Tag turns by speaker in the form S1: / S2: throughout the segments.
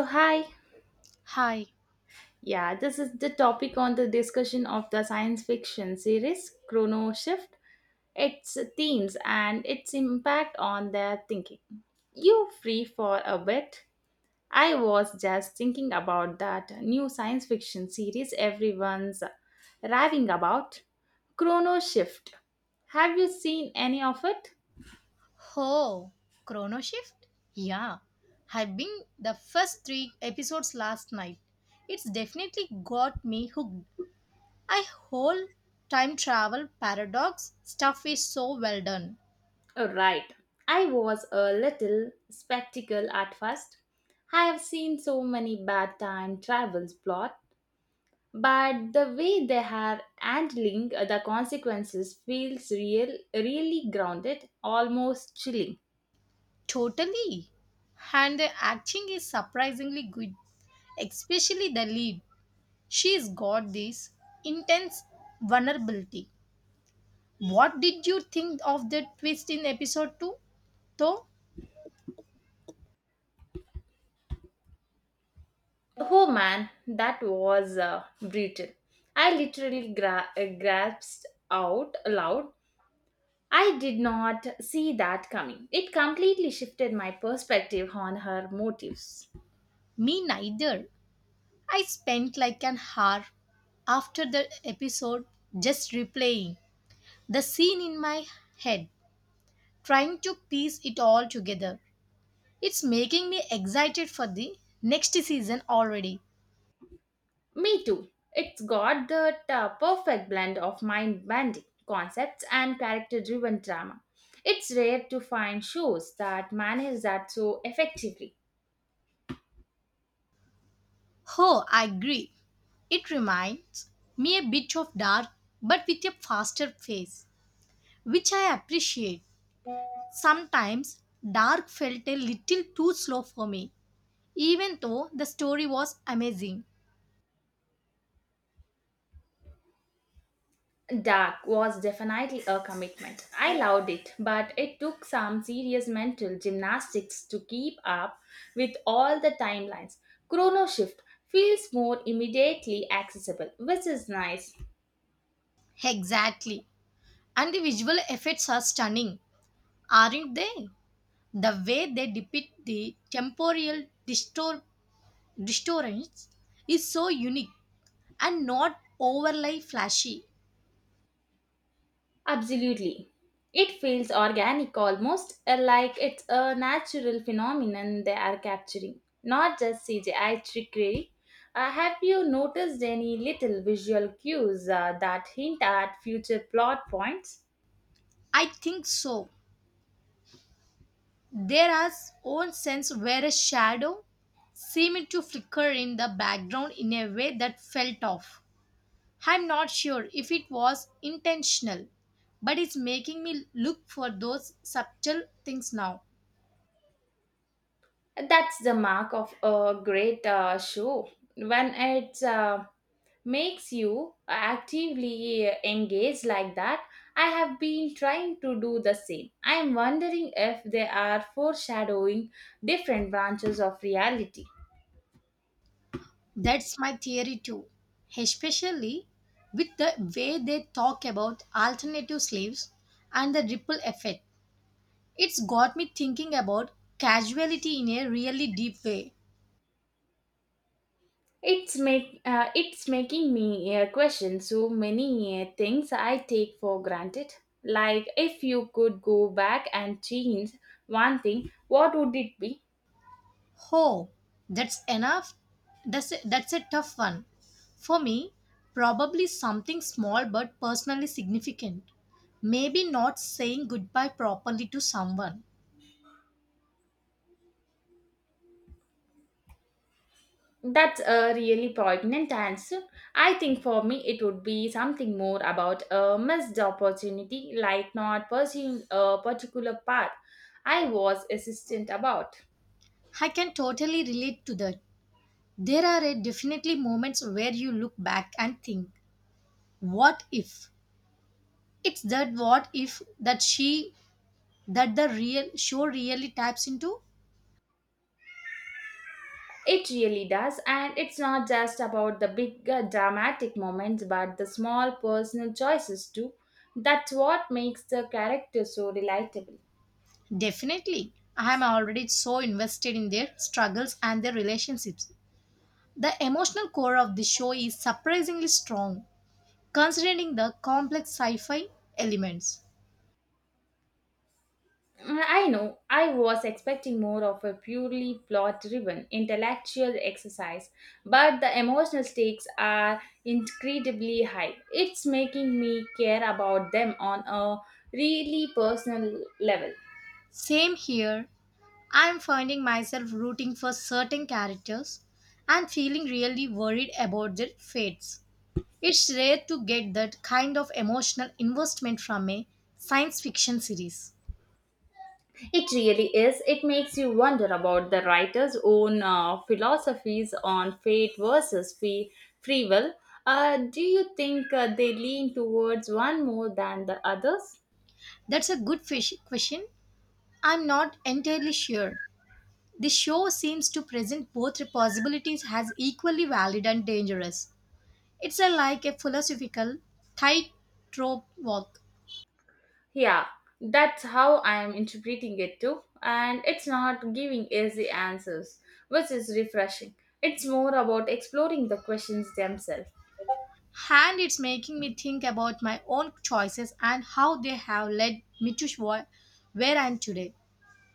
S1: So, hi.
S2: Hi.
S1: Yeah, this is the topic on the discussion of the science fiction series Chrono Shift, its themes and its impact on their thinking. You free for a bit? I was just thinking about that new science fiction series everyone's raving about, Chrono Shift. Have you seen any of it?
S2: Ho. Chrono Shift? Yeah. I've been the first three episodes last night. It's definitely got me hooked. I whole time travel paradox stuff is so well done.
S1: Oh, right. I was a little skeptical at first. I have seen so many bad time travels plot, but the way they are handling the consequences feels real, really grounded, almost chilling.
S2: Totally. And the acting is surprisingly good, especially the lead. She's got this intense vulnerability. What did you think of the twist in episode 2? Though
S1: Oh man, that was brutal. I literally grasped out loud. I did not see that coming. It completely shifted my perspective on her motives.
S2: me neither. I spent like an hour after the episode just replaying the scene in my head, trying to piece it all together. It's making me excited for the next season already.
S1: Me too. It's got that perfect blend of mind bending concepts and character driven drama. It's rare to find shows that manage that so effectively.
S2: Oh, I agree. It reminds me a bit of dark but with a faster pace, which I appreciate. Sometimes dark felt a little too slow for me, even though the story was amazing.
S1: Dark was definitely a commitment. I loved it, but it took some serious mental gymnastics to keep up with all the timelines. Chrono Shift feels more immediately accessible, which is nice.
S2: Exactly. And the visual effects are stunning, aren't they? The way they depict the distortions is so unique and not overly flashy.
S1: Absolutely. It feels organic almost like it's a natural phenomenon they are capturing, not just CGI trickery. Have you noticed any little visual cues that hint at future plot points?
S2: I think so. There is own sense where a shadow seemed to flicker in the background in a way that felt off. I'm not sure if it was intentional, but it's making me look for those subtle things now.
S1: That's the mark of a great show when it makes you actively engaged like that. I have been trying to do the same. I am wondering if they are foreshadowing different branches of reality.
S2: That's my theory too, especially with the way they talk about alternative slaves and the ripple effect. It's got me thinking about casuality in a really deep way.
S1: It's making me question so many things I take for granted. Like if you could go back and change one thing, what would it be?
S2: Oh, that's enough? That's a tough one. For me, probably something small but personally significant. Maybe not saying goodbye properly to someone.
S1: That's a really poignant answer. I think for me it would be something more about a missed opportunity, like not pursuing a particular path I was insistent about.
S2: I can totally relate to that. There are definitely moments where you look back and think, what if it's that what if that she that the real show really taps into
S1: It really does, and it's not just about the big dramatic moments, but the small personal choices too. That's what makes the character so relatable.
S2: definitely. I am already so invested in their struggles and their relationships. The emotional core of the show is surprisingly strong, considering the complex sci-fi elements.
S1: I know. I was expecting more of a purely plot driven intellectual exercise, but the emotional stakes are incredibly high. It's making me care about them on a really personal level.
S2: Same here. I am finding myself rooting for certain characters and feeling really worried about their fates. It's rare to get that kind of emotional investment from a science fiction series.
S1: It really is. It makes you wonder about the writer's own philosophies on fate versus free will. Do you think they lean towards one more than the others?
S2: That's a question. I'm not entirely sure. The show seems to present both possibilities as equally valid and dangerous. It's a, like a philosophical tightrope walk,
S1: Yeah, that's how I am interpreting it too. And it's not giving easy answers, which is refreshing. It's more about exploring the questions themselves.
S2: and it's making me think about my own choices and how they have led me to where I am today.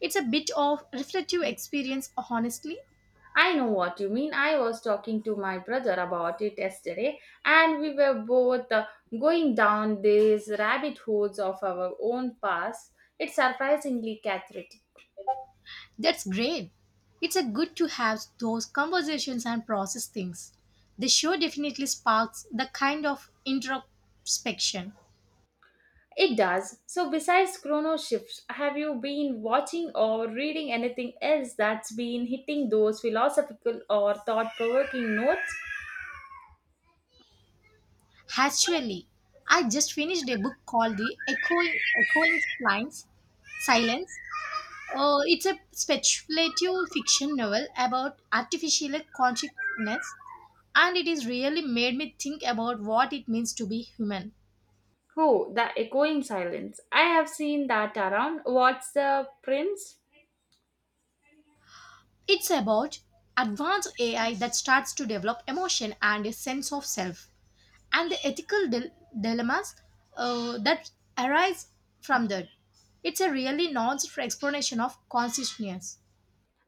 S2: It's a bit of reflective experience, honestly.
S1: I know what you mean. I was talking to my brother about it yesterday, and we were both going down these rabbit holes of our own past. It's surprisingly cathartic.
S2: That's great. It's a good to have those conversations and process things. The show definitely sparks the kind of introspection.
S1: It does. So, besides chrono shifts, have you been watching or reading anything else that's been hitting those philosophical or thought provoking notes?
S2: Actually, I just finished a book called The Echoing Lines Silence. It's a speculative fiction novel about artificial consciousness, and it has really made me think about what it means to be human.
S1: Oh, the echoing silence. I have seen that around. What's the prince?
S2: It's about advanced AI that starts to develop emotion and a sense of self, and the dilemmas that arise from that. It's a really nuanced explanation of consciousness.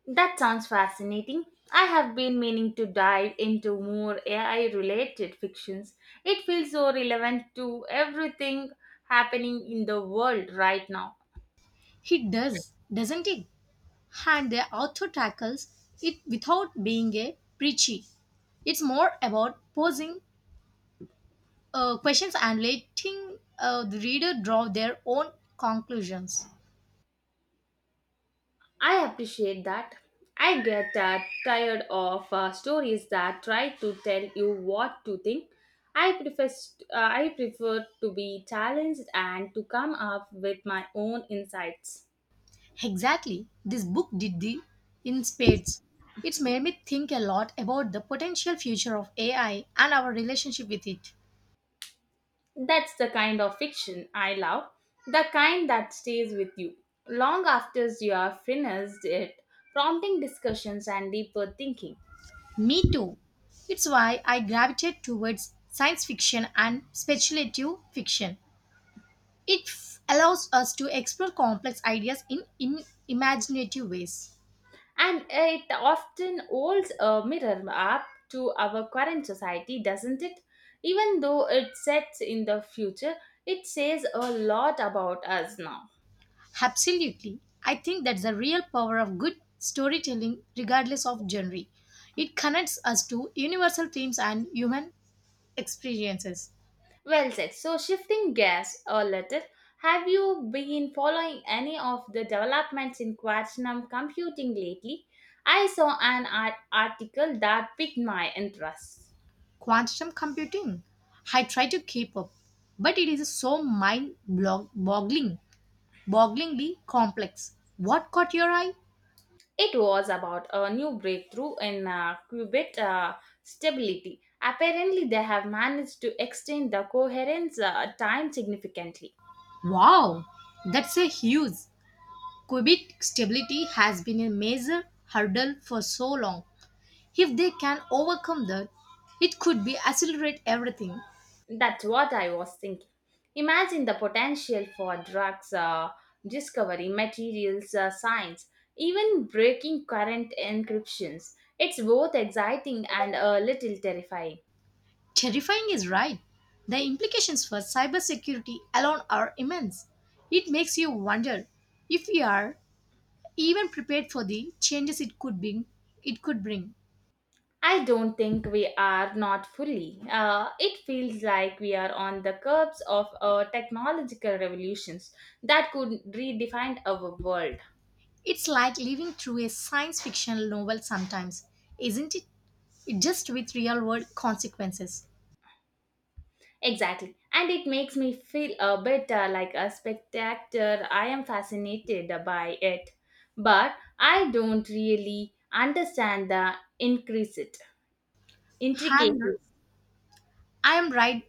S1: That sounds fascinating. I have been meaning to dive into more AI related fictions. It feels so relevant to everything happening in the world right now.
S2: It does, doesn't it? And the author tackles it without being a preachy. It's more about posing questions and letting the reader draw their own conclusions.
S1: I appreciate that. I get tired of stories that try to tell you what to think. I prefer to be challenged and to come up with my own insights.
S2: Exactly. This book did the in spades. It's made me think a lot about the potential future of AI and our relationship with it.
S1: That's the kind of fiction I love, the kind that stays with you long after you have finished it, prompting discussions and deeper thinking.
S2: Me too. It's why I gravitate towards science fiction and speculative fiction. Allows us to explore complex ideas in imaginative ways.
S1: And it often holds a mirror up to our current society, doesn't it? Even though it sets in the future, it says a lot about us now.
S2: Absolutely. I think that's the real power of good storytelling, regardless of genre. It connects us to universal themes and human experiences.
S1: Well said. So, shifting gears a little, have you been following any of the developments in quantum computing lately? I saw an article that piqued my interest.
S2: Quantum computing. I try to keep up, but it is so bogglingly complex. What caught your eye?
S1: It was about a new breakthrough in qubit stability. Apparently, they have managed to extend the coherence time significantly.
S2: Wow, that's a huge. Qubit stability has been a major hurdle for so long. If they can overcome that, it could be accelerate everything.
S1: That's what I was thinking. Imagine the potential for drugs discovery, materials science, even breaking current encryptions. It's both exciting and a little terrifying.
S2: Terrifying is right. The implications for cybersecurity alone are immense. It makes you wonder if we are even prepared for the changes it could bring.
S1: I don't think we are not fully. It feels like we are on the curbs of technological revolutions that could redefine our world.
S2: It's like living through a science fiction novel sometimes, isn't it? It just with real world consequences.
S1: Exactly. And it makes me feel a bit like a spectator. I am fascinated by it, but I don't really understand the intricate
S2: i'm
S1: intricacies.
S2: i'm right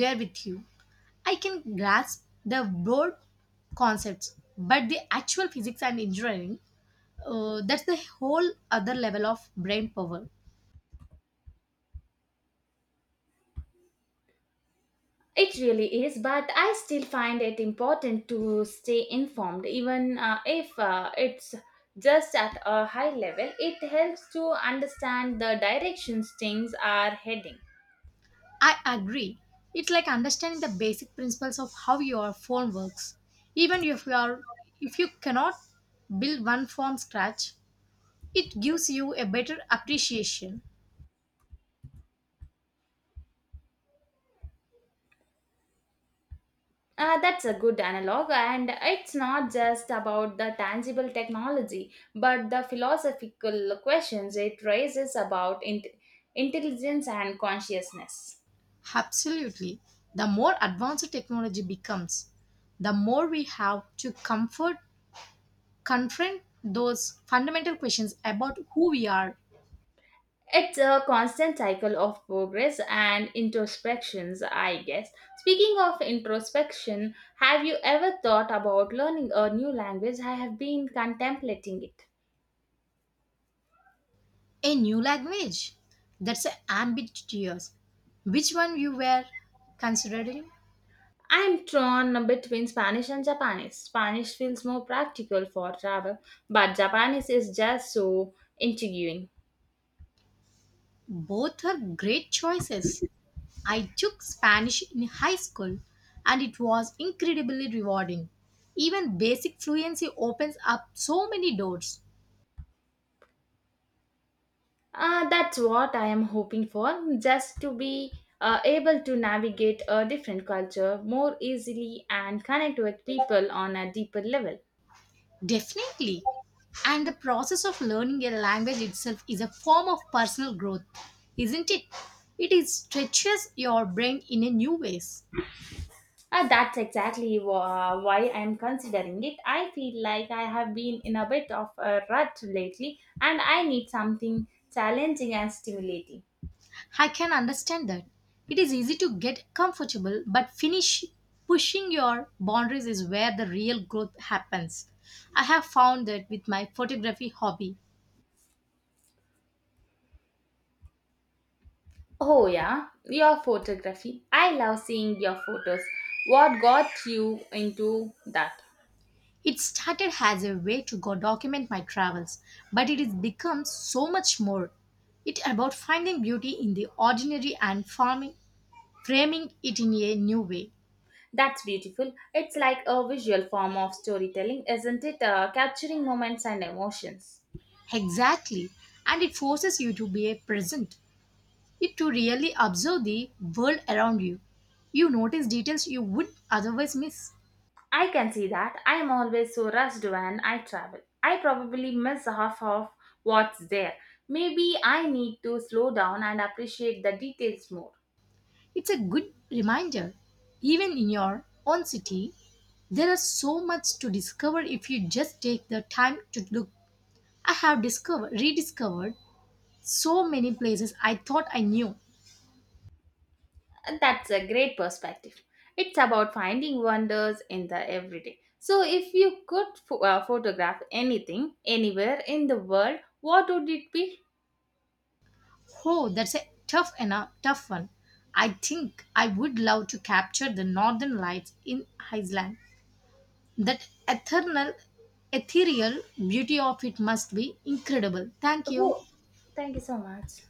S2: there with you. I can grasp the broad concepts, but the actual physics and engineering, that's the whole other level of brain power.
S1: It really is, but I still find it important to stay informed, even if it's just at a high level. It helps to understand the directions things are heading.
S2: I agree. It's like understanding the basic principles of how your phone works. Even if you cannot build one from scratch, it gives you a better appreciation.
S1: That's a good analog, and it's not just about the tangible technology, but the philosophical questions it raises about intelligence and consciousness.
S2: Absolutely. The more advanced technology becomes, the more we have to comfort confront those fundamental questions about who we are.
S1: It's a constant cycle of progress and introspections, I guess. Speaking of introspection, have you ever thought about learning a new language? I have been contemplating it.
S2: A new language. That's ambitious. Which one you were considering?
S1: I'm torn between Spanish and Japanese. Spanish feels more practical for travel, but Japanese is just so intriguing.
S2: Both are great choices. I took Spanish in high school and it was incredibly rewarding. Even basic fluency opens up so many doors.
S1: That's what I am hoping for, just to be able to navigate a different culture more easily and connect with people on a deeper level.
S2: Definitely. And the process of learning a language itself is a form of personal growth, isn't it? It is stretches your brain in a new ways.
S1: Ah, that's exactly why I'm considering it. I feel like I have been in a bit of a rut lately and I need something challenging and stimulating.
S2: I can understand that. It is easy to get comfortable, but finish pushing your boundaries is where the real growth happens. I have found that with my photography hobby.
S1: Oh, yeah, your photography. I love seeing your photos. What got you into that?
S2: It started as a way to go document my travels, but it has become so much more. It about finding beauty in the ordinary and framing it in a new way.
S1: That's beautiful. It's like a visual form of storytelling, isn't it? Capturing moments and emotions.
S2: Exactly. And it forces you to be a present. It to really observe the world around you. You notice details you would otherwise miss.
S1: I can see that. I am always so rushed when I travel. I probably miss half of what's there. Maybe I need to slow down and appreciate the details more.
S2: It's a good reminder. Even in your own city, there are so much to discover if you just take the time to look. I have discovered rediscovered so many places I thought I knew.
S1: That's a great perspective. It's about finding wonders in the everyday. So, if you could photograph anything anywhere in the world, what would it be?
S2: Oh, that's a tough one. I think I would love to capture the northern lights in Iceland. That eternal, ethereal beauty of it must be incredible. Thank you.
S1: Oh, thank you so much.